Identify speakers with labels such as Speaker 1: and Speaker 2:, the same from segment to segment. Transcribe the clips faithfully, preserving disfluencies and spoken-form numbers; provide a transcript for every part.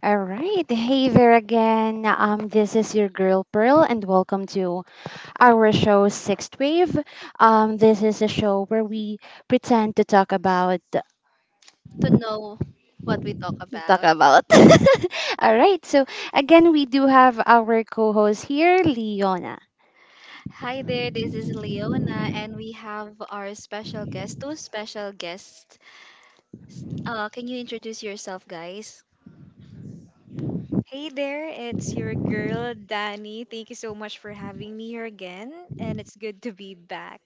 Speaker 1: All right. Hey there again. Um, this is your girl Pearl, and welcome to our show Sixth Wave. Um, this is a show where we pretend to talk about
Speaker 2: to know what we talk
Speaker 1: talk
Speaker 2: about.
Speaker 1: about. All right. So again, we do have our co-host here, Leona.
Speaker 2: Hi there, this is Leona, and we have our special guest, two special guests. Uh, can you introduce yourself, guys?
Speaker 3: Hey there, it's your girl Danny. Thank you so much for having me here again, and it's good to be back.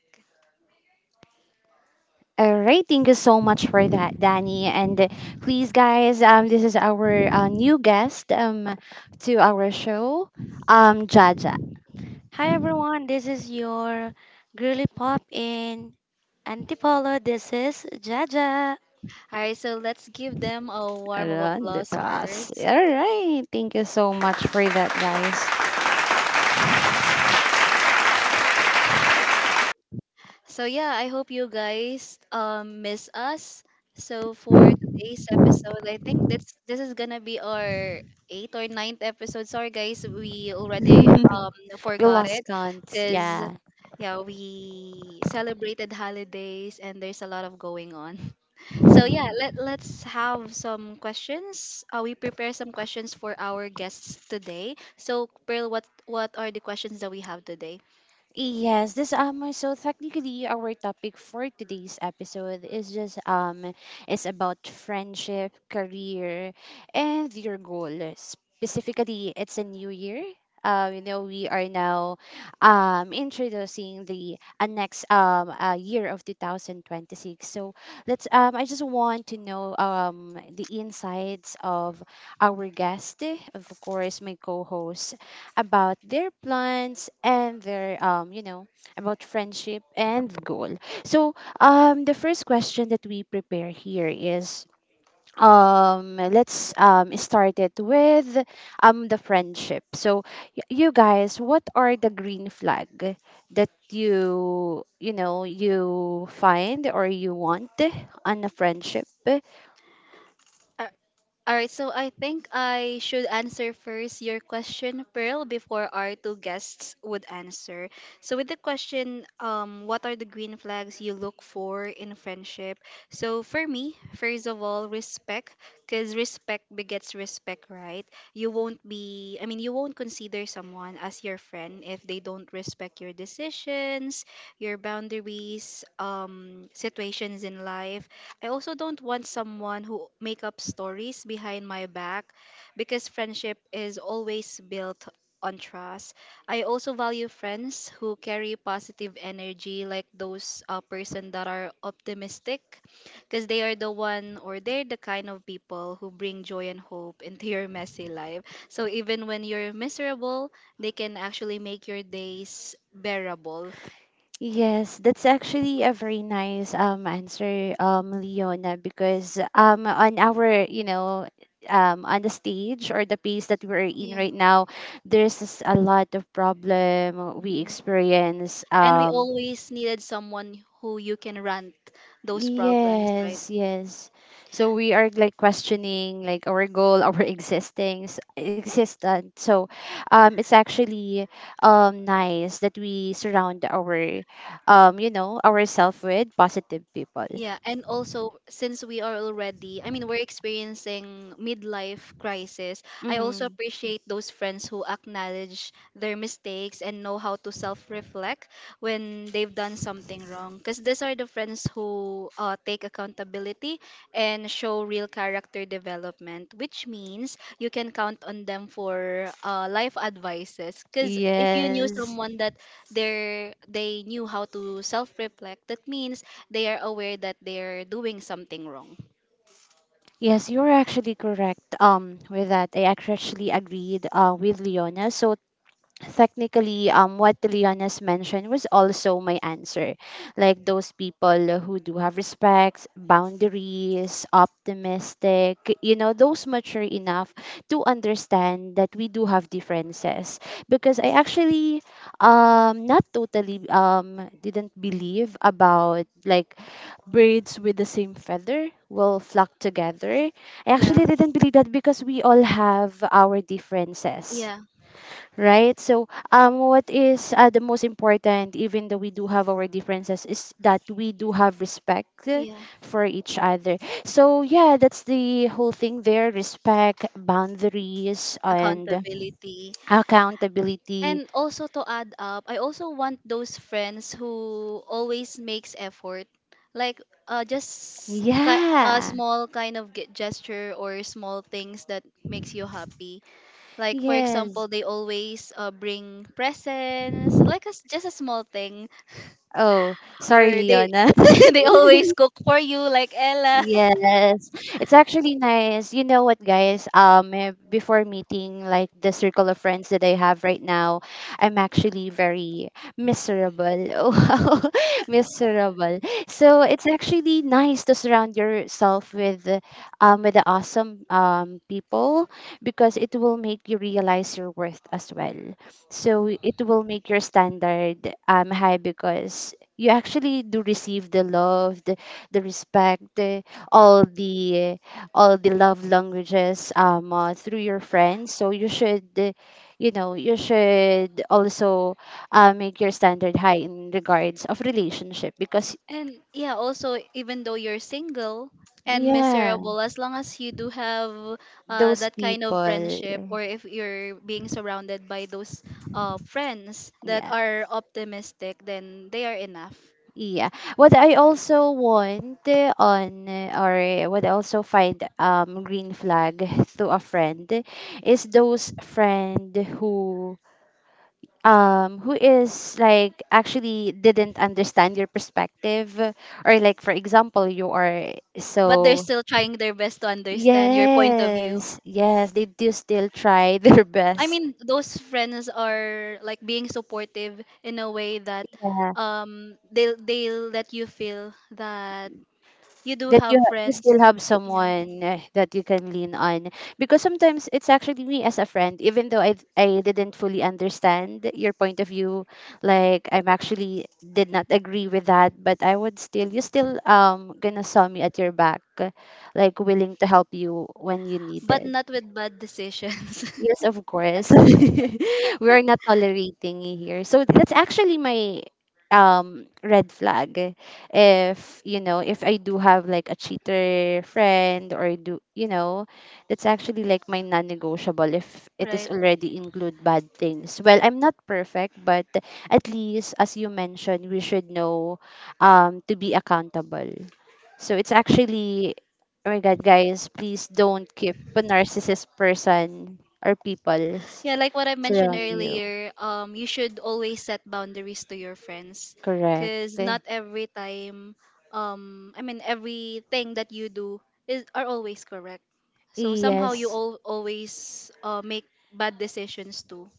Speaker 1: All right, thank you so much for that, Danny. And uh, please, guys, um, this is our uh, new guest um, to our show, um, Jaja.
Speaker 4: Hi everyone, this is your girly pop in Antipolo. This is Jaja.
Speaker 2: All right, so let's give them a warm of
Speaker 1: Run the
Speaker 2: applause
Speaker 1: pass.
Speaker 2: first.
Speaker 1: All right. Thank you so much for that, guys.
Speaker 2: So yeah, I hope you guys um miss us. So for today's episode, I think this this is gonna be our eighth or ninth episode. Sorry guys, we already um
Speaker 1: we
Speaker 2: forgot
Speaker 1: lost
Speaker 2: it
Speaker 1: count.
Speaker 2: because
Speaker 1: Yeah.
Speaker 2: yeah, we celebrated holidays and there's a lot of going on. So yeah, let let's have some questions. Uh, we prepare some questions for our guests today. So Pearl, what what are the questions that we have today?
Speaker 1: Yes, this um so technically our topic for today's episode is just um is about friendship, career, and your goal. Specifically, it's a new year. Uh, you know, we are now um introducing the uh, next um uh, year of twenty twenty-six. So let's um I just want to know um the insights of our guest, of course, my co-host about their plans and their um you know about friendship and goal. So um the first question that we prepare here is um let's um start it with um the friendship. So y- you guys, what are the green flag that you you know you find or you want on a friendship?
Speaker 2: Are, All right, so I think I should answer first your question, Pearl, before our two guests would answer. So, with the question, um, what are the green flags you look for in friendship? So, for me, first of all, respect, because respect begets respect, right? You won't be, I mean, you won't consider someone as your friend if they don't respect your decisions, your boundaries, um, situations in life. I also don't want someone who make up stories behind my back, because friendship is always built on trust. I also value friends who carry positive energy, like those uh, person that are optimistic, because they are the one or they're the kind of people who bring joy and hope into your messy life. So even when you're miserable, they can actually make your days bearable.
Speaker 1: Yes, that's actually a very nice um answer, um, Leona, because um on our, you know, um on the stage or the pace that we're in
Speaker 2: Yeah.
Speaker 1: right now, there's a lot of problem we
Speaker 2: Mm.
Speaker 1: experience
Speaker 2: And we
Speaker 1: um
Speaker 2: always needed someone who you can rant those problems, right?
Speaker 1: Yes, yes. So we are like questioning like our goal, our existing existence. So um it's actually um nice that we surround our um you know ourselves with positive people.
Speaker 2: Yeah, and also since we are already, I mean, we're experiencing midlife crisis, I also
Speaker 1: Mm-hmm.
Speaker 2: appreciate those friends who acknowledge their mistakes and know how to self-reflect when they've done something wrong. Because these are the friends who uh, take accountability and show real character development, which means you can count on them for uh, life advices. Because if you knew
Speaker 1: Yes.
Speaker 2: someone that they're, they knew how to self-reflect, that means they are aware that they're doing something wrong.
Speaker 1: Yes, you're actually correct um with that. I actually agreed uh with Leona. So technically um what Liana's mentioned was also my answer like those people who do have respects boundaries optimistic you know those mature enough to understand that we do have differences because I actually um not totally um didn't believe about like birds with the same feather will flock together. I
Speaker 2: Yeah.
Speaker 1: actually didn't believe that because we all have our differences,
Speaker 2: Yeah.
Speaker 1: right? So, um, what is uh, the most important, even though we do have our differences, is that we do have respect uh,
Speaker 2: Yeah.
Speaker 1: for each other. So, yeah, that's the whole thing there respect, boundaries, and
Speaker 2: Accountability.
Speaker 1: accountability.
Speaker 2: And also to add up, I also want those friends who always makes effort, like uh, just ki- a
Speaker 1: Yeah,
Speaker 2: small kind of ge- gesture or small things that makes you happy. Like for
Speaker 1: yes.
Speaker 2: example, they always uh, bring presents, like a s just a small thing,
Speaker 1: Oh, sorry,
Speaker 2: or they
Speaker 1: Leona.
Speaker 2: they always cook for you, like Ella.
Speaker 1: Yes, it's actually nice. You know what, guys? Um, eh, before meeting like the circle of friends that I have right now, I'm actually very miserable. Wow, miserable. So it's actually nice to surround yourself with, uh, um, with the awesome um people because it will make you realize your worth as well. So it will make your standard um high because you actually do receive the love, the, the respect eh, all the all the love languages um uh, through your friends so you should uh, you know you should also uh, make your standard high in regards of relationship because
Speaker 2: And yeah, also even though you're single and
Speaker 1: yeah
Speaker 2: miserable, as long as you do have uh,
Speaker 1: those
Speaker 2: that kind of
Speaker 1: people
Speaker 2: friendship, or if you're being surrounded by those uh, friends that
Speaker 1: yeah
Speaker 2: are optimistic, then they are enough.
Speaker 1: yeah what i also want uh, on uh, or what I also find um green flag to a friend is those friend who um who is like actually didn't understand your perspective or like for example you are
Speaker 2: But they're
Speaker 1: so
Speaker 2: still trying their best to understand your point of view.
Speaker 1: yes yes they do still try their
Speaker 2: I
Speaker 1: best
Speaker 2: mean, those friends are like being supportive in a way that um, they they let you feel that you do
Speaker 1: that you
Speaker 2: have
Speaker 1: ha- you
Speaker 2: friends.
Speaker 1: still have
Speaker 2: Yeah.
Speaker 1: someone eh, that you can lean on because sometimes it's actually me as a friend even though I d- I didn't fully understand your point of view like I'm actually did not agree with that but I would still you still um gonna saw me at your back eh, like willing to help you when you
Speaker 2: But
Speaker 1: needed.
Speaker 2: not with bad decisions.
Speaker 1: Yes, of course. we are not tolerating it here. So that's actually my um red flag. If you know, if I do have like a cheater friend or do you know, that's actually like my non-negotiable if it is
Speaker 2: Right,
Speaker 1: already include bad things. Well, I'm not perfect, but at least as you mentioned, we should know um to be accountable. So it's actually oh my god guys, please don't keep a narcissist person or people
Speaker 2: yeah, like what I mentioned
Speaker 1: surround you.
Speaker 2: earlier, um you should always set boundaries to your friends,
Speaker 1: Correct.
Speaker 2: because
Speaker 1: Eh,
Speaker 2: not every time um i mean everything that you do is are always correct. So somehow you
Speaker 1: Yes,
Speaker 2: all always uh, make bad decisions too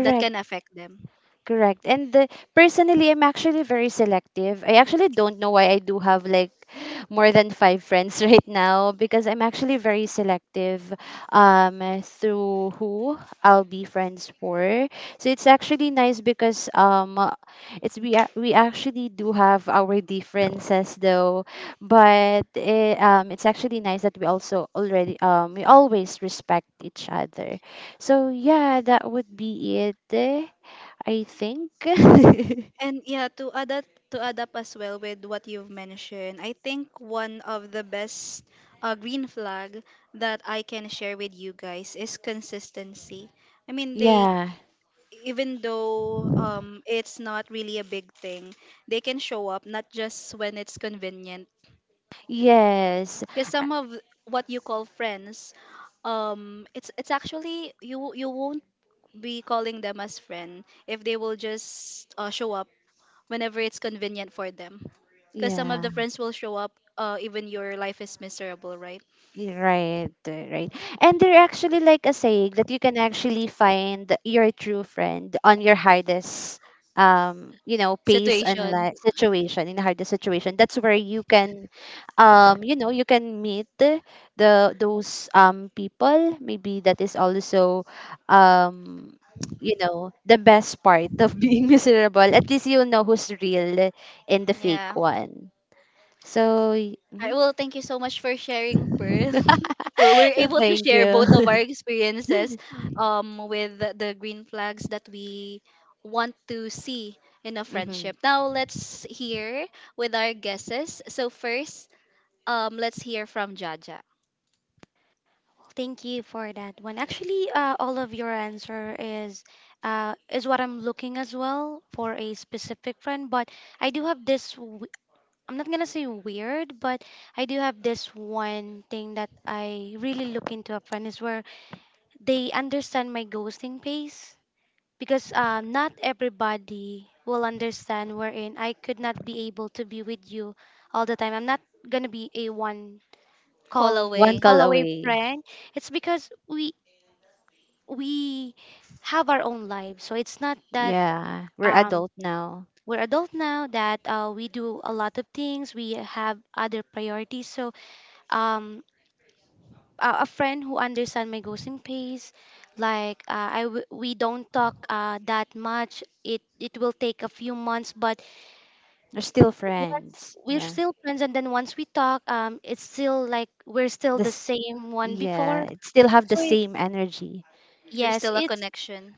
Speaker 2: that can affect them.
Speaker 1: Correct. And the, personally, I'm actually very selective. I actually don't know why I do have like more than five friends right now because I'm actually very selective um, through who I'll be friends for. So it's actually nice because um, it's we ac- we actually do have our differences though, but it, um, it's actually nice that we also already um, we always respect each other. So yeah, that would be it. eh. I think.
Speaker 2: And yeah, to add up, to add up as well with what you've mentioned, I think one of the best uh, green flag that I can share with you guys is consistency. I mean, they,
Speaker 1: yeah.
Speaker 2: even though um, it's not really a big thing, they can show up not just when it's convenient.
Speaker 1: Yes.
Speaker 2: Because
Speaker 1: Uh,
Speaker 2: some of what you call friends, um, it's it's actually you you won't be calling them as friend if they will just uh, show up whenever it's convenient for them. Because some of
Speaker 1: Yeah.
Speaker 2: the friends will show up uh, even your life is miserable, right?
Speaker 1: Right, uh, right. And they're actually like a saying that you can actually find your true friend on your hardest um you know pace and
Speaker 2: Situation.
Speaker 1: like situation in the hardest situation that's where you can um you know you can meet the the- those um people maybe that is also um you know the best part of being miserable at least you know who's real in the fake
Speaker 2: Yeah.
Speaker 1: one so y-
Speaker 2: All right,
Speaker 1: mhm.
Speaker 2: well, thank you so much for sharing, Pearl. we're, we're able to
Speaker 1: thank
Speaker 2: share
Speaker 1: you
Speaker 2: both of our experiences um, with the, the green flags that we want to see in a
Speaker 1: Mm-hmm.
Speaker 2: friendship. Now, let's hear with our guesses. So, first, um, let's hear from Jaja.
Speaker 4: Thank you for that one. Actually, uh, all of your answer is uh, is what I'm looking as well for a specific friend. But I do have this. w- I'm not gonna say weird, but I do have this one thing that I really look into a friend is where they understand my ghosting pace because uh, not everybody will understand wherein I could not be able to be with you all the time. I'm not gonna be a one
Speaker 2: Call
Speaker 4: call
Speaker 1: One
Speaker 2: away.
Speaker 1: call
Speaker 4: call away
Speaker 1: away.
Speaker 4: friend. It's because we we have our own lives, so it's not that
Speaker 1: Yeah, we're
Speaker 4: um
Speaker 1: adult now.
Speaker 4: we're adult now that uh, we do a lot of things. We have other priorities. So um a, a friend who understand my ghosting pace like uh, I w- we don't talk uh, that much, it it will take a few months but
Speaker 1: We're still
Speaker 4: what
Speaker 1: friends.
Speaker 4: we're
Speaker 1: Yeah.
Speaker 4: still friends, and then once we talk, um it's still like we're still the
Speaker 1: This.
Speaker 4: same one
Speaker 1: Yeah,
Speaker 4: before.
Speaker 1: it still have the
Speaker 4: So it's,
Speaker 1: same energy.
Speaker 2: There's
Speaker 4: yes
Speaker 2: still a
Speaker 4: it's
Speaker 2: connection.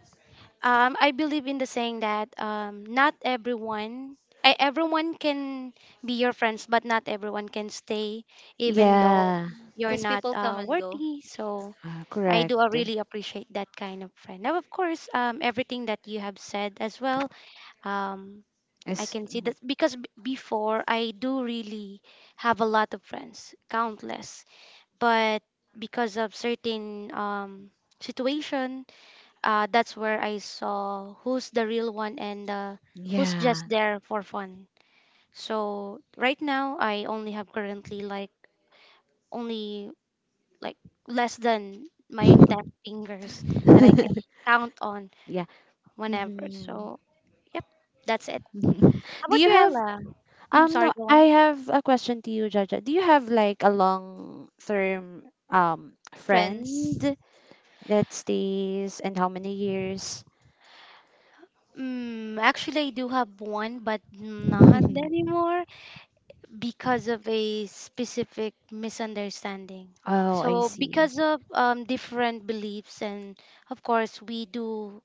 Speaker 4: um I believe in the saying that um not everyone I, everyone can be your friends but not everyone can stay even though
Speaker 1: Yeah,
Speaker 4: you're
Speaker 2: Because
Speaker 4: not
Speaker 2: people come
Speaker 4: uh,
Speaker 2: and go.
Speaker 4: worthy. So
Speaker 1: uh,
Speaker 4: I do uh,
Speaker 1: correct.
Speaker 4: really appreciate that kind of friend. Now of course, um, everything that you have said as well, um, I
Speaker 1: It's
Speaker 4: can see that because b- before I do really have a lot of friends, countless. But because of certain um, situation, uh, that's where I saw who's the real one and uh, who's just
Speaker 1: yeah.
Speaker 4: there for fun. So right now, I only have currently like only like less than my ten fingers that I can count on
Speaker 1: yeah.
Speaker 4: whenever.
Speaker 1: hmm
Speaker 4: So yep, that's it. How
Speaker 1: Do
Speaker 4: about
Speaker 1: you
Speaker 4: you,
Speaker 1: have
Speaker 4: Ella? Mm,
Speaker 1: um
Speaker 4: sorry,
Speaker 1: no,
Speaker 4: go on.
Speaker 1: I have a question to you, Jaja. Do you have like a long term um friend
Speaker 2: Friends.
Speaker 1: that stays and how many years?
Speaker 4: Mm, actually, I do have one, but not anymore because of a specific misunderstanding.
Speaker 1: oh, I
Speaker 4: So,
Speaker 1: see.
Speaker 4: because of um, different beliefs, and of course, we do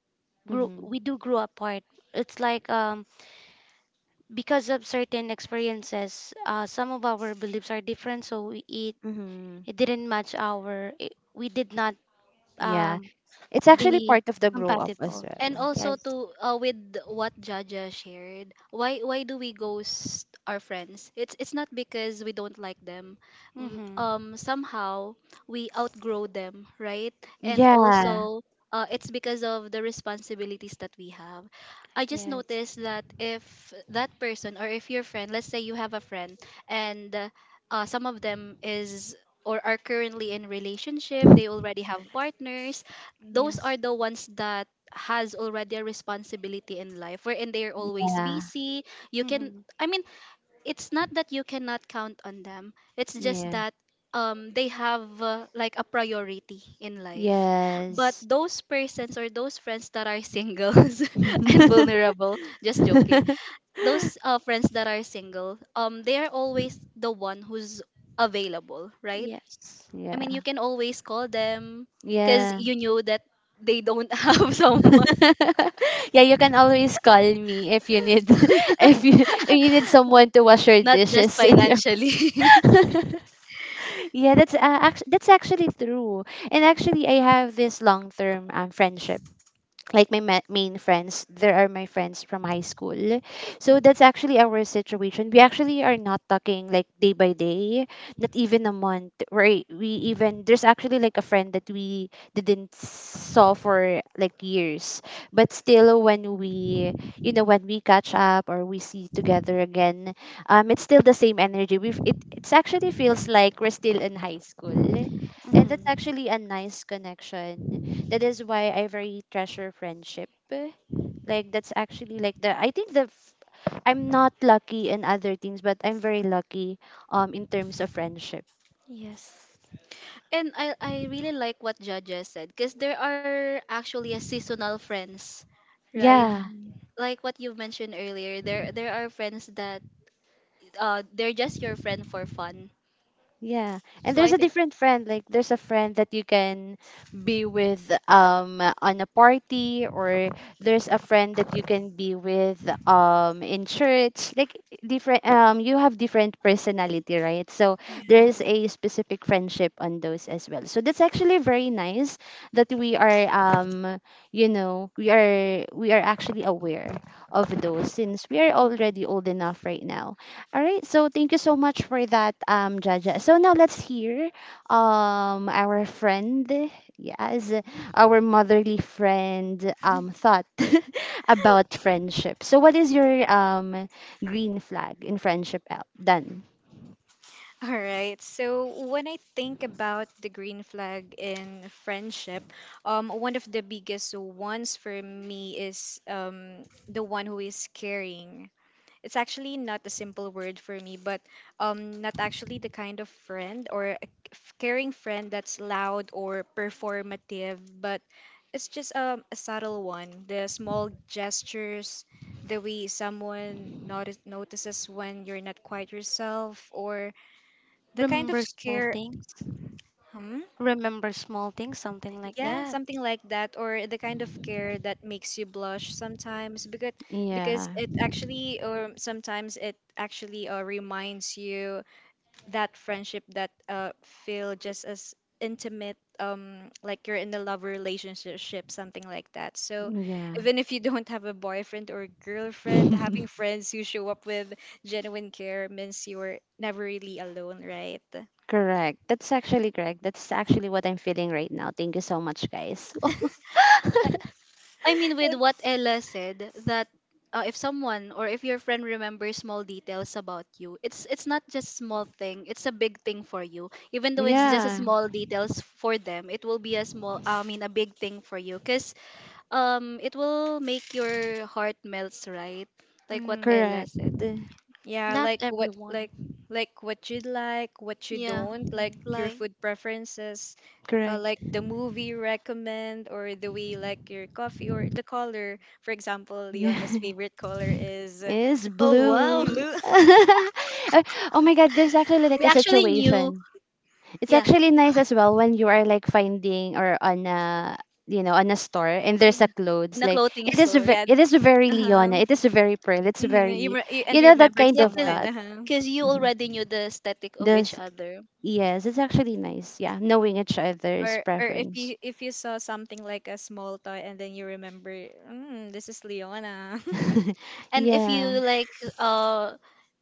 Speaker 4: grow
Speaker 1: Mm-hmm.
Speaker 4: we do grow apart. It's like um, because of certain experiences, uh, some of our beliefs are different, so we, it
Speaker 1: Mm-hmm.
Speaker 4: it didn't match our it, we did not
Speaker 1: Yeah.
Speaker 4: um,
Speaker 1: It's actually
Speaker 4: be
Speaker 1: part of the grow up as
Speaker 4: compatible.
Speaker 2: And
Speaker 1: well.
Speaker 2: also
Speaker 4: Yes.
Speaker 2: to uh, with what Jaja shared, why why do we ghost our friends? It's it's not because we don't like them. W-
Speaker 4: Mm-hmm.
Speaker 2: Um, somehow we outgrow them, right? And
Speaker 1: Yeah.
Speaker 2: also, uh, it's because of the responsibilities that we have. I just
Speaker 4: Yes.
Speaker 2: noticed that if that person or if your friend, let's say you have a friend, and uh, uh, some of them is or are currently in relationship, they already have partners. Those
Speaker 4: Yes.
Speaker 2: are the ones that has already a responsibility in life wherein they're always
Speaker 1: Yeah.
Speaker 2: busy. You can
Speaker 4: Mhm.
Speaker 2: I mean It's not that you cannot count on them, it's just
Speaker 1: Yeah.
Speaker 2: that um they have uh, like a priority in life. But
Speaker 1: Yes.
Speaker 2: those persons or those friends that are singles and
Speaker 1: yeah.
Speaker 2: vulnerable, just joking, those uh, friends that are single, um they are always the one who's available, right?
Speaker 4: Yes.
Speaker 2: I mean, you
Speaker 1: Yeah.
Speaker 2: can always call them because you knew that they don't have someone.
Speaker 1: yeah, you can always call me if you need if you if you need someone to wash your
Speaker 2: Not just
Speaker 1: dishes.
Speaker 2: financially.
Speaker 1: yeah, that's uh, act- that's actually true. And actually I have this long-term um, friendship like my ma- main friends there are my friends from high school so
Speaker 4: Mm-hmm.
Speaker 1: that's actually our situation we actually are not talking like day by day not even a month right we even there's actually like a friend that we didn't saw for like years but still when we you know when we catch up or we see together again um it's still the same energy we it it's actually feels like we're still in high school and that's actually a nice connection that is why I very treasure friendship. eh. Like that's actually like the I think the f- I'm not lucky in other things, but I'm very lucky um in terms of friendship.
Speaker 4: Yes.
Speaker 2: And I I really like what Jaja said, because there are actually a seasonal friends, right?
Speaker 4: Mm.
Speaker 1: Yeah,
Speaker 3: Mm,
Speaker 2: Like what you've mentioned earlier, there there are friends that uh they're just your friend for fun.
Speaker 1: Yeah. And
Speaker 2: So
Speaker 1: there's
Speaker 2: I
Speaker 1: a
Speaker 2: think
Speaker 1: different friend. Like there's a friend that you can be with um on a party or there's a friend that you can be with um in church. Like different um you have different personality, right? So there
Speaker 3: yeah.
Speaker 1: is a specific friendship on those as well. So that's actually very nice that we are um you know, we are we are actually aware of those since we are
Speaker 3: Mhm.
Speaker 1: already old enough right now. All right, so thank you so much for that, um, Jaja. So now let's hear um our friend, yes, our motherly friend um thought about friendship. So what is your um green flag in friendship out done?
Speaker 3: All right. So when I think about the green flag in friendship, um, one of the biggest ones for me is um the one who is caring. It's actually not a simple word for me, but um, not actually the kind of friend or a f- caring friend that's loud or performative, but it's just um, a subtle one. The small gestures, the way someone notice, notices when you're not quite yourself, or the kind of
Speaker 4: Remember small
Speaker 3: care.
Speaker 4: things.
Speaker 3: Hmm?
Speaker 4: Remember small things, something like
Speaker 3: Yeah,
Speaker 4: that.
Speaker 3: something like that, or the kind of care that makes you blush sometimes because because
Speaker 1: Yeah.
Speaker 3: it actually, or sometimes it actually uh, reminds you that friendship that uh feel just as intimate, um like you're in a love relationship, something like that. So
Speaker 1: Yeah.
Speaker 3: even if you don't have a boyfriend or girlfriend, having friends who show up with genuine care means you're never really alone, right?
Speaker 1: correct. That's actually correct. That's actually what I'm feeling right now. Thank you so much, guys.
Speaker 2: I mean, with what Ella said, that uh, if someone or if your friend remembers small details about you, it's it's not just small thing; it's a big thing for you. Even though it's just a
Speaker 1: yeah,
Speaker 3: Hmm.
Speaker 2: small details for them, it will be a small. I mean, a big thing for you, cause um, it will make your heart melts, right? Like what
Speaker 3: Mm,
Speaker 2: Ella
Speaker 1: correct.
Speaker 2: said.
Speaker 3: yeah,
Speaker 4: Not
Speaker 3: like what,
Speaker 4: everyone.
Speaker 3: like like what you like, what you
Speaker 2: Yeah,
Speaker 3: don't, like your
Speaker 4: Mhm.
Speaker 2: like like,
Speaker 3: food preferences, uh,
Speaker 1: Correct.
Speaker 3: like the movie you recommend, or the way you like your coffee, or the color. For example,
Speaker 1: Yeah.
Speaker 3: Leona's favorite color is uh,
Speaker 1: is
Speaker 2: oh wow,
Speaker 3: mm,
Speaker 1: blue.
Speaker 3: blue.
Speaker 1: Uh, oh my god, there's actually like
Speaker 2: we
Speaker 1: a
Speaker 2: actually knew.
Speaker 1: situation. It's
Speaker 2: Yeah,
Speaker 1: actually nice as well when you are like finding or on a you know on a store and there's a
Speaker 2: yeah,
Speaker 1: clothes
Speaker 2: in a
Speaker 1: like
Speaker 2: clothing
Speaker 1: it is
Speaker 2: store.
Speaker 1: ve-
Speaker 3: Yeah.
Speaker 1: it is very
Speaker 3: Uh huh.
Speaker 1: Leona. It is very pearl. It's
Speaker 3: Hmm. You,
Speaker 1: very
Speaker 3: re- you
Speaker 1: you
Speaker 3: and, you
Speaker 1: know that
Speaker 3: remember
Speaker 1: kind
Speaker 2: Yeah,
Speaker 1: of
Speaker 2: cause,
Speaker 3: someone.
Speaker 1: thought.
Speaker 3: Uh huh.
Speaker 2: 'cause you
Speaker 1: Mhm.
Speaker 2: already knew the aesthetic of each
Speaker 1: This
Speaker 2: other.
Speaker 1: yes, it's actually nice. Yeah, knowing each other's
Speaker 3: Or or if
Speaker 1: preference.
Speaker 3: you, if you saw something like a small toy and then you remember, mm, this is Leona.
Speaker 2: And if you
Speaker 1: yeah,
Speaker 2: like uh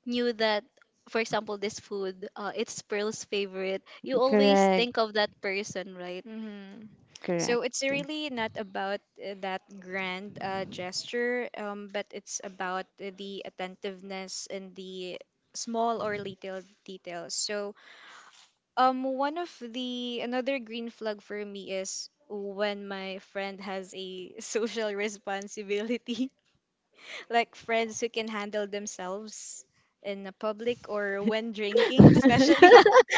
Speaker 2: knew that, for example, this food uh it's Pearl's favorite, you always
Speaker 1: correct,
Speaker 2: think of that person, right?
Speaker 3: Mm-hmm.
Speaker 1: correct.
Speaker 3: So it's really not about uh, that grand uh, gesture, um, but it's about uh, the attentiveness and the small or little details. So Um, one of the another green flag for me is when my friend has a social responsibility, like friends who can handle themselves in a public or when drinking, especially.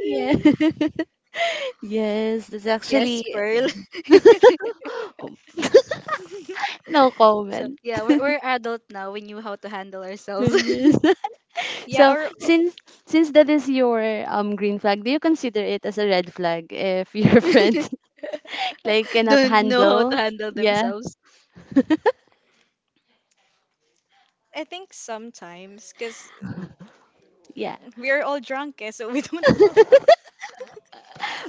Speaker 1: yeah. Yes, that's
Speaker 2: Yes,
Speaker 1: actually yeah.
Speaker 2: Pearl.
Speaker 1: com- no
Speaker 2: So
Speaker 1: comment.
Speaker 2: yeah, we're we're adult now. We knew how to handle ourselves.
Speaker 1: Yes.
Speaker 3: Yeah,
Speaker 1: So
Speaker 3: or uh,
Speaker 1: since since that is your um green flag, do you consider it as a red flag if your friend like cannot
Speaker 2: Don't know how to
Speaker 1: handle?
Speaker 2: handle
Speaker 1: Yeah,
Speaker 2: themselves.
Speaker 3: I think sometimes because
Speaker 1: yeah.
Speaker 3: we're all drunk, eh, so we don't know.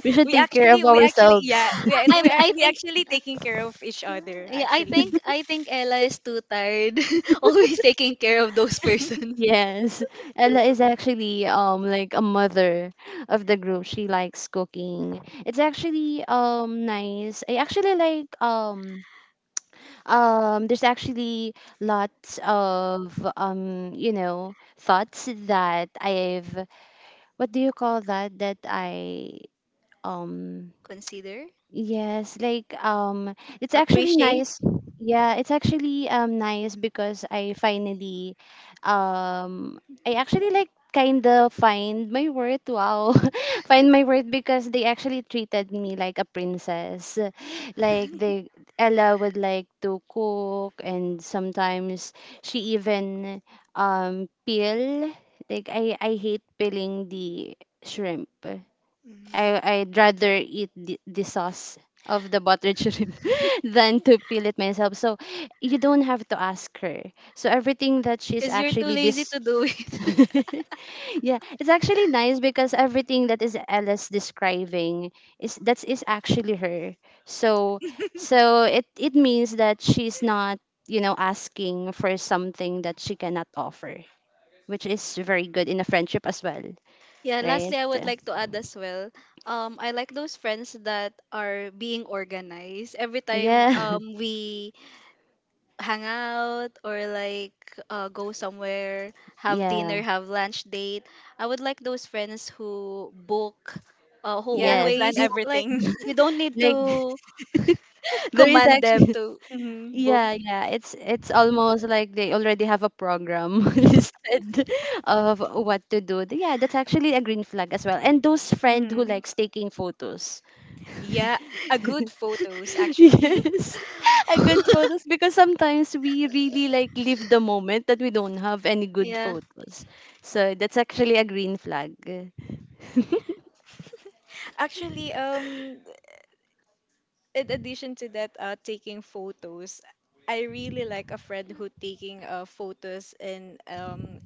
Speaker 1: We should
Speaker 3: We
Speaker 1: take care
Speaker 3: actually,
Speaker 1: of
Speaker 3: we actually,
Speaker 1: ourselves.
Speaker 3: yeah, we
Speaker 2: I,
Speaker 3: and we
Speaker 2: I'm
Speaker 3: ac-
Speaker 2: I
Speaker 3: we
Speaker 2: think
Speaker 3: actually taking care of each other
Speaker 2: yeah, I
Speaker 3: actually.
Speaker 2: think I think Ella is too tired always taking care of those persons.
Speaker 1: Yes. Ella is actually um like a mother of the group. She likes cooking. It's actually um nice. I actually like um Um, there's actually lots of um, you know, thoughts that I've what do you call that? That I um
Speaker 2: Consider,
Speaker 1: Yes, like um it's actually
Speaker 2: appreciate,
Speaker 1: nice. Yeah, it's actually um nice because I finally um I actually like kind of find my worth. Wow. Find my worth because they actually treated me like a princess. Like they Ella would like to cook and sometimes she even um peel. Like I I hate peeling the shrimp.
Speaker 3: Mhm.
Speaker 1: I I'd rather eat the, the sauce of the butter shrimp
Speaker 3: Mhm.
Speaker 1: than to peel it myself. So you don't have to ask her. So everything that she's
Speaker 2: because you're too
Speaker 1: actually
Speaker 2: lazy
Speaker 1: this
Speaker 2: to do it.
Speaker 1: yeah, it's actually nice because everything that is Alice describing is that's is actually her. So so it it means that she's not, you know, asking for something that she cannot offer, which is very good in a friendship as well,
Speaker 2: Yeah,
Speaker 1: right?
Speaker 2: lastly, I would like to add as well. Um, I like those friends that are being organized. Every time
Speaker 1: Yeah.
Speaker 2: um we hang out or like uh, go somewhere, have dinner,
Speaker 1: Yeah.
Speaker 2: have lunch date. I would like those friends who book, uh, who
Speaker 3: Yeah, who
Speaker 1: Yes,
Speaker 3: plan
Speaker 1: yeah,
Speaker 2: always like
Speaker 3: everything.
Speaker 2: you don't need
Speaker 1: like
Speaker 2: to
Speaker 1: there is
Speaker 2: command them
Speaker 1: actually
Speaker 2: to
Speaker 3: Hmm.
Speaker 2: book.
Speaker 1: yeah, yeah It's it's almost like they already have a program listed of what to do. Yeah, that's actually a green flag as well. And those friend who
Speaker 3: Hmm.
Speaker 1: likes taking photos.
Speaker 3: Yeah, a good photos actually.
Speaker 1: Yes. A good photos because sometimes we really like live the moment that we don't have any good
Speaker 2: Yeah,
Speaker 1: photos. So that's actually a green flag.
Speaker 3: Actually, um, in addition to that, uh, taking photos, I really like a friend who taking uh, photos in um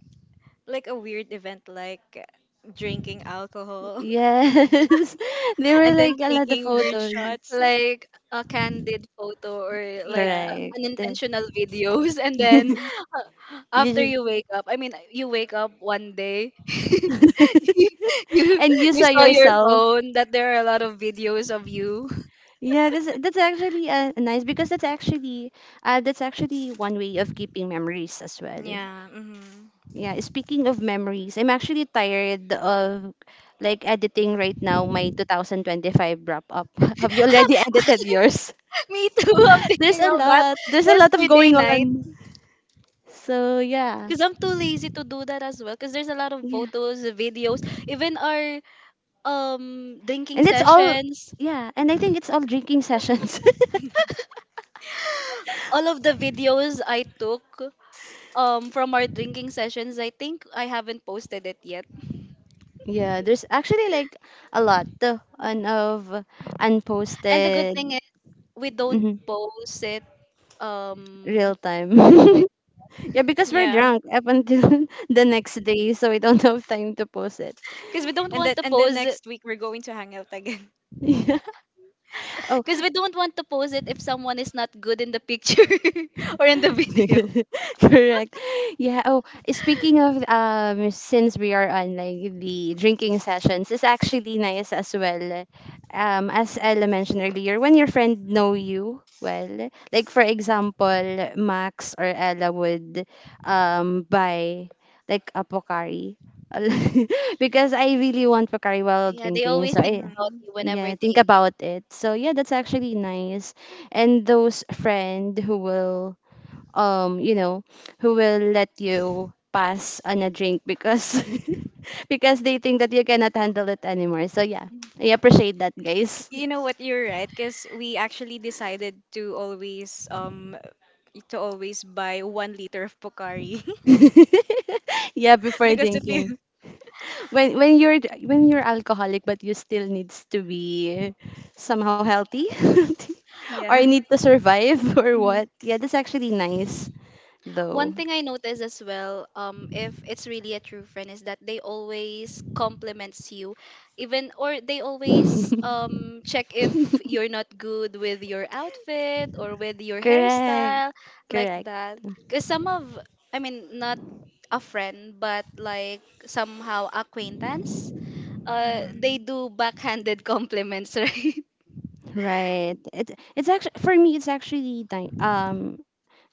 Speaker 3: like a weird event like drinking alcohol.
Speaker 1: Yes. There were
Speaker 3: And then
Speaker 1: like a lot of
Speaker 3: taking weird
Speaker 1: photos.
Speaker 3: shots.
Speaker 2: like a candid photo or like uh,
Speaker 3: Yeah.
Speaker 1: Correct.
Speaker 2: unintentional videos, and then
Speaker 1: you
Speaker 3: Hmm.
Speaker 2: after
Speaker 1: just,
Speaker 2: you wake up, I mean you wake up one day. You
Speaker 1: and you
Speaker 2: you
Speaker 1: saw
Speaker 2: saw your
Speaker 1: yourself.
Speaker 2: phone that there are a lot of videos of you.
Speaker 1: Yeah, that's that's actually uh, nice because that's actually uh, that's actually one way of keeping memories as well.
Speaker 3: Yeah. Hmm.
Speaker 1: Yeah, speaking of memories, I'm actually tired of like editing right now my two thousand twenty-five wrap up. Have you already edited yours?
Speaker 2: Me too. I'm
Speaker 1: There's
Speaker 2: thinking
Speaker 1: a
Speaker 2: of that
Speaker 1: lot. There's a lot of
Speaker 2: yesterday
Speaker 1: going
Speaker 2: night
Speaker 1: on. So yeah,
Speaker 2: because I'm too lazy to do that as well. Because there's a lot of
Speaker 1: yeah,
Speaker 2: photos, videos, even our um drinking
Speaker 1: and it's all
Speaker 2: sessions.
Speaker 1: yeah, and I think it's all drinking sessions.
Speaker 2: All of the videos I took um from our drinking sessions, I think I haven't posted it yet.
Speaker 1: Yeah, there's actually like a lot of, un- of
Speaker 2: And the good thing
Speaker 1: unposted
Speaker 2: is we don't
Speaker 1: hmm
Speaker 2: post it um
Speaker 1: real time.
Speaker 2: real time,
Speaker 1: Yeah, because we're
Speaker 3: Yeah.
Speaker 1: drunk up until the next day, so we don't have time to post it.
Speaker 2: because we don't
Speaker 3: And
Speaker 2: want
Speaker 3: then,
Speaker 2: to
Speaker 3: and then
Speaker 2: post.
Speaker 3: next week we're going to hang out again.
Speaker 1: Yeah. Oh,
Speaker 2: Because we don't want to post it if someone is not good in the picture or in the video.
Speaker 1: Correct. Yeah. Oh, speaking of um, since we are on like the drinking sessions, it's actually nice as well. Um, as Ella mentioned earlier, when your friend know you well, like for example, Max or Ella would um buy like a Pocari because I really want Pocari while
Speaker 2: Yeah, they
Speaker 1: drinking.
Speaker 2: always
Speaker 1: So
Speaker 2: think
Speaker 1: I
Speaker 2: about
Speaker 3: Mhm.
Speaker 2: you whenever
Speaker 1: yeah think
Speaker 2: they.
Speaker 1: about it, so yeah, that's actually nice. And those friend who will um you know who will let you pass on a drink because because they think that you cannot handle it anymore, so yeah, I appreciate that, guys.
Speaker 3: You know what? You're right, because we actually decided to always um to always buy one liter of Pocari.
Speaker 1: Yeah, before
Speaker 3: Because if you
Speaker 1: drinking, when when you're when you're alcoholic but you still needs to be somehow healthy
Speaker 3: yeah.
Speaker 1: or need to survive or
Speaker 3: Mhm.
Speaker 1: what, yeah, that's actually nice
Speaker 2: One
Speaker 1: though.
Speaker 2: thing I notice as well, um, if it's really a true friend, is that they always compliments you, even or they always um check if you're not good with your outfit or with your
Speaker 1: Correct,
Speaker 2: hairstyle, like
Speaker 1: correct.
Speaker 2: that. Because some of, I mean, not a friend, but like somehow acquaintance. Uh, they
Speaker 3: Mhm.
Speaker 2: do backhanded compliments, right?
Speaker 1: Right. It, it's actually for me. It's actually di- um.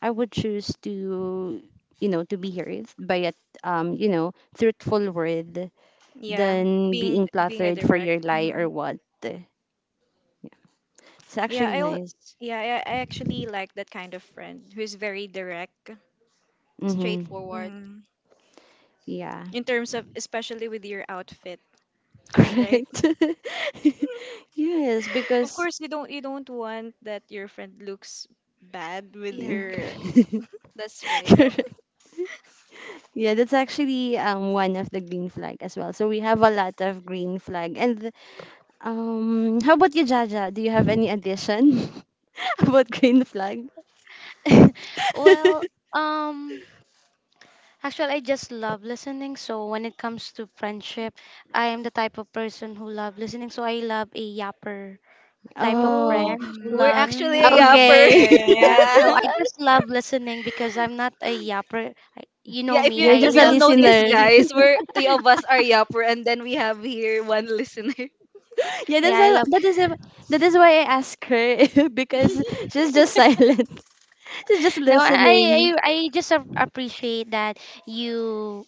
Speaker 1: I would choose to you know to be heard by a um you know truthful word
Speaker 3: Yeah,
Speaker 1: than
Speaker 3: being
Speaker 1: being
Speaker 3: being a
Speaker 1: flattered for your
Speaker 3: direct.
Speaker 1: lie or
Speaker 3: Mhm.
Speaker 1: what. Yeah. It's
Speaker 3: Yeah,
Speaker 1: actually
Speaker 3: I al-
Speaker 1: nice.
Speaker 3: yeah, I, I actually like that kind of friend who is very direct.
Speaker 1: Mm-hmm.
Speaker 2: Straightforward.
Speaker 3: Mhm.
Speaker 1: Yeah.
Speaker 3: In terms of, especially with your outfit, right?
Speaker 1: Correct. Yes,
Speaker 3: Of
Speaker 1: because
Speaker 3: course, you don't you don't want that your friend looks bad with
Speaker 2: Yeah,
Speaker 3: her.
Speaker 2: that's right.
Speaker 1: correct. Yeah, that's actually um one of the green flag as well. So we have a lot of green flag, and um, how about you, Jaja? Do you have any addition about green flag?
Speaker 4: well, um, actually, I just love listening. So when it comes to friendship, I am the type of person who love listening. So I love a yapper type of
Speaker 2: Oh,
Speaker 1: Oh,
Speaker 4: friends who
Speaker 2: we're
Speaker 4: love.
Speaker 2: actually a
Speaker 3: Mm,
Speaker 2: yapper.
Speaker 1: okay.
Speaker 3: okay,
Speaker 4: Yeah.
Speaker 3: yeah.
Speaker 4: So I just love listening because I'm not a yapper. I, you know
Speaker 2: Yeah, if
Speaker 4: me.
Speaker 2: you
Speaker 1: You're
Speaker 4: I
Speaker 2: if
Speaker 1: just a
Speaker 2: you'll
Speaker 4: love
Speaker 2: notice,
Speaker 1: listener.
Speaker 4: sleeping.
Speaker 2: guys, we're three of us are yapper, and then we have here one listener.
Speaker 1: Yeah, that's
Speaker 4: Yeah, I
Speaker 1: a,
Speaker 4: love.
Speaker 1: that is a, that is why I ask her because she's just silent. She's just
Speaker 4: No, I I, I
Speaker 1: listening.
Speaker 4: I just ap- appreciate that you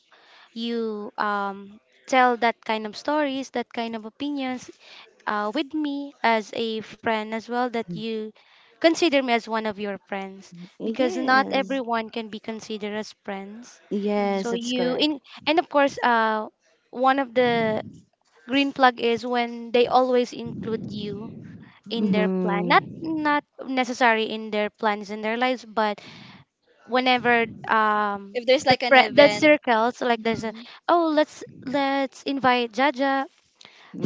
Speaker 4: you um tell that kind of stories, that kind of opinions uh, with me as a friend as well, that you consider me as one of your friends because not
Speaker 1: Yes.
Speaker 4: everyone can be considered as friends.
Speaker 1: Yes,
Speaker 4: So
Speaker 1: that's
Speaker 4: you
Speaker 1: correct.
Speaker 4: in and of course, uh one of the green plug is when they always include you in their plan. Not
Speaker 1: Mm-hmm.
Speaker 4: not necessary in their plans in their lives, but whenever um
Speaker 2: If there's
Speaker 4: the
Speaker 2: like an
Speaker 4: pre- the
Speaker 2: event,
Speaker 4: circles, like there's a,
Speaker 3: Hmm.
Speaker 4: oh, let's let's invite Jaja,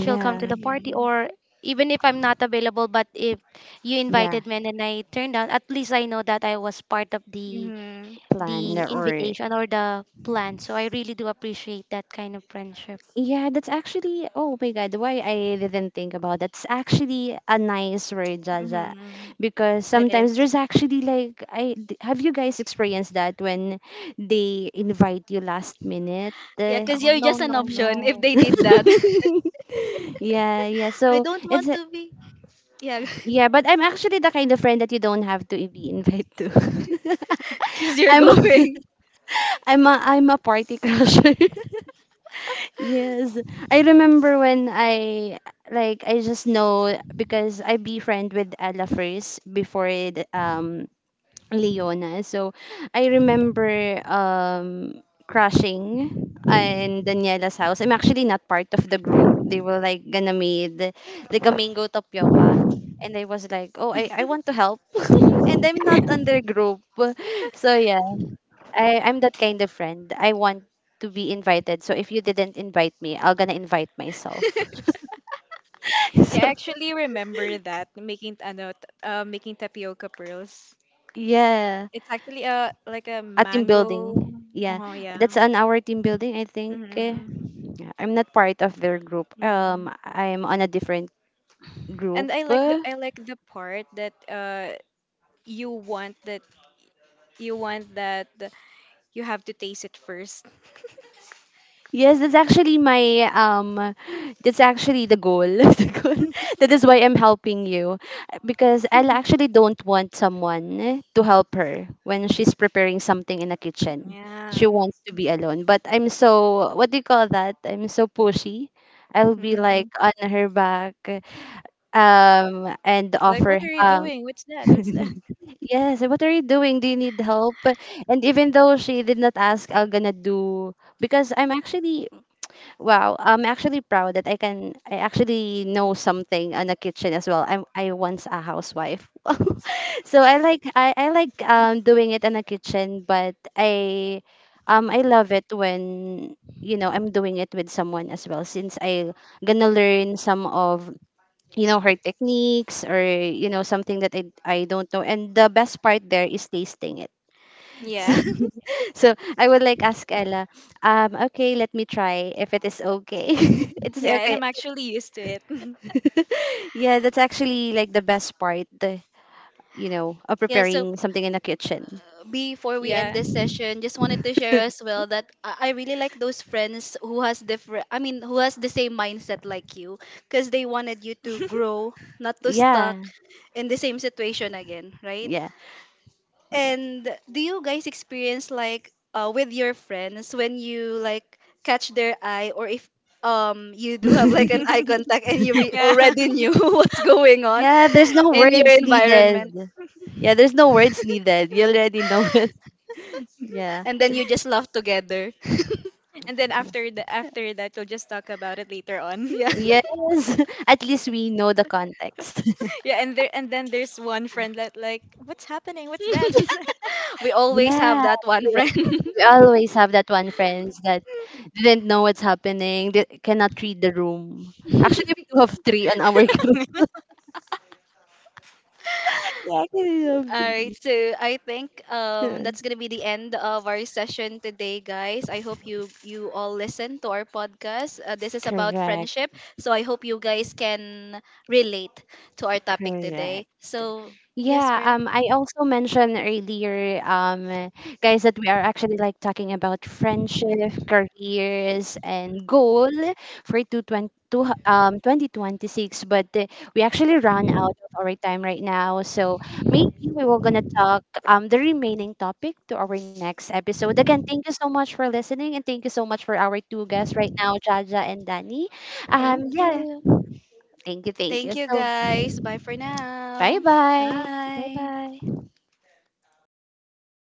Speaker 4: she'll come to the party.
Speaker 3: Hmm.
Speaker 4: Or even if I'm not available, but if you
Speaker 1: Yeah.
Speaker 4: invited me and then I turned down, at least I know that I was part of the
Speaker 3: Hmm.
Speaker 1: Plan
Speaker 4: the
Speaker 1: or
Speaker 4: invitation or the plan. So I really do appreciate that kind of friendship.
Speaker 1: yeah, that's actually, oh my God, why I didn't think about that. It's actually a nice word, Jaja.
Speaker 3: Hmm.
Speaker 1: Because
Speaker 3: It is.
Speaker 1: sometimes there's actually like, I d- have you guys experienced that when they invite you last minute?
Speaker 2: yeah,
Speaker 1: Uh,
Speaker 2: cause
Speaker 4: Oh,
Speaker 2: you're
Speaker 4: no
Speaker 2: just an
Speaker 4: no no.
Speaker 2: option. If
Speaker 3: Mhm.
Speaker 2: they did that,
Speaker 1: yeah, yeah.
Speaker 2: I
Speaker 1: So
Speaker 2: don't
Speaker 1: it's,
Speaker 2: want
Speaker 1: a-
Speaker 2: to be. Yeah,
Speaker 1: yeah, but I'm actually the kind of friend that you don't have to be invited to.
Speaker 2: cause you're
Speaker 1: I'm a,
Speaker 2: going.
Speaker 1: I'm a, I'm a party crusher. Yes, I remember when I like I just know because I befriend with Ella first before it, um Leona. So I remember um crashing in Daniela's house. I'm actually not part of the group. They were like gonna made like a mango tapioca. And I was like, oh, I, I want to help. And I'm not on their group. So yeah. I, I'm that kind of friend. I want to be invited. So if you didn't invite me, I'll gonna invite myself.
Speaker 3: Yeah, I
Speaker 1: So
Speaker 3: actually remember that making ano, t- uh, making tapioca pearls.
Speaker 1: yeah,
Speaker 3: It's actually a like a
Speaker 1: a team
Speaker 3: mango.
Speaker 1: building. Yeah,
Speaker 3: Oh yeah.
Speaker 1: that's on our team building. I think eh,
Speaker 3: Mm-hmm.
Speaker 1: yeah, I'm not part of their group.
Speaker 3: Mm-hmm.
Speaker 1: Um, I'm on a different
Speaker 3: And
Speaker 1: group.
Speaker 3: I like the I like the part that uh you want that, you want that you have to taste it first.
Speaker 1: Yes, that's actually my um that's actually the goal. The goal. That is why I'm helping you, because I actually don't want someone to help her when she's preparing something in the kitchen. She
Speaker 3: Yeah.
Speaker 1: wants to be alone, but I'm so what do you call that? I'm so pushy. I'll be like
Speaker 3: Hmm.
Speaker 1: on her back um and
Speaker 3: Like, what
Speaker 1: offer
Speaker 3: are you
Speaker 1: um
Speaker 3: doing? What's that? What's that?
Speaker 1: yes, what are you doing? Do you need help? And even though she did not ask, I'm gonna do because I'm actually wow, I'm actually proud that I can I actually know something on the kitchen as well. I'm I once a housewife. So I like I, I like um doing it in the kitchen, but I um I love it when you know I'm doing it with someone as well since I gonna learn some of you know her techniques or you know something that I I don't know, and the best part there is tasting it.
Speaker 3: Yeah.
Speaker 1: So I would like ask Ella, um, okay, let me try if it is okay. It is
Speaker 3: Yeah, and
Speaker 1: okay.
Speaker 3: I'm actually used to it.
Speaker 1: Yeah, that's actually like the best part, the, you know, of
Speaker 2: Yeah, so
Speaker 1: preparing something in the kitchen.
Speaker 2: before we end
Speaker 3: Yeah.
Speaker 2: this session, just wanted to share as well that I I really like those friends who has different, I mean, who has the same mindset like you, because they wanted you to grow, not to stuck
Speaker 1: Yeah,
Speaker 2: in the same situation again, right?
Speaker 1: yeah, yeah.
Speaker 2: And do you guys experience like uh, with your friends when you like catch their eye, or if um you do have like an eye contact and you re-
Speaker 3: Yeah.
Speaker 2: already knew what's going on
Speaker 1: Yeah, there's no
Speaker 2: in your
Speaker 1: words needed.
Speaker 2: environment,
Speaker 1: Yeah, there's no words needed. You already know it. Yeah.
Speaker 2: and then you just laugh together?
Speaker 3: And then after, the after that, we'll just talk about it later on.
Speaker 1: Yes. At least we know the context.
Speaker 3: Yeah, and there, and then there's one friend that like, what's happening? What's that? What's that?
Speaker 2: We always have
Speaker 1: Yeah.
Speaker 2: that one friend.
Speaker 1: We always have that one friends that didn't know what's happening, they cannot read the room. Actually, we do have three on our group. Yeah, we have
Speaker 2: All right,
Speaker 1: three.
Speaker 2: so I think um
Speaker 1: Yes.
Speaker 2: that's gonna be the end of our session today, guys. I hope you you all listen to our podcast. Uh, this is about
Speaker 1: Correct,
Speaker 2: friendship, so I hope you guys can relate to our topic today.
Speaker 1: correct.
Speaker 2: So yes,
Speaker 1: Yeah,
Speaker 2: Pearl.
Speaker 1: um, I also mentioned earlier, um, guys, that we are actually like talking about friendship, careers, and goal for two twenty two hu- um twenty twenty-six. But uh, we actually run out of our time right now, so maybe we were gonna talk um the remaining topic to our next episode. Again, thank you so much for listening, and thank you so much for our two guests right now, Jaja and Danny.
Speaker 4: Thank
Speaker 1: Um, yeah,
Speaker 4: you.
Speaker 1: thank you, thank
Speaker 2: Thank
Speaker 1: you.
Speaker 2: you,
Speaker 1: So
Speaker 2: guys. Bye for
Speaker 1: bye
Speaker 2: now.
Speaker 1: bye.
Speaker 4: Bye
Speaker 3: Bye.
Speaker 4: bye.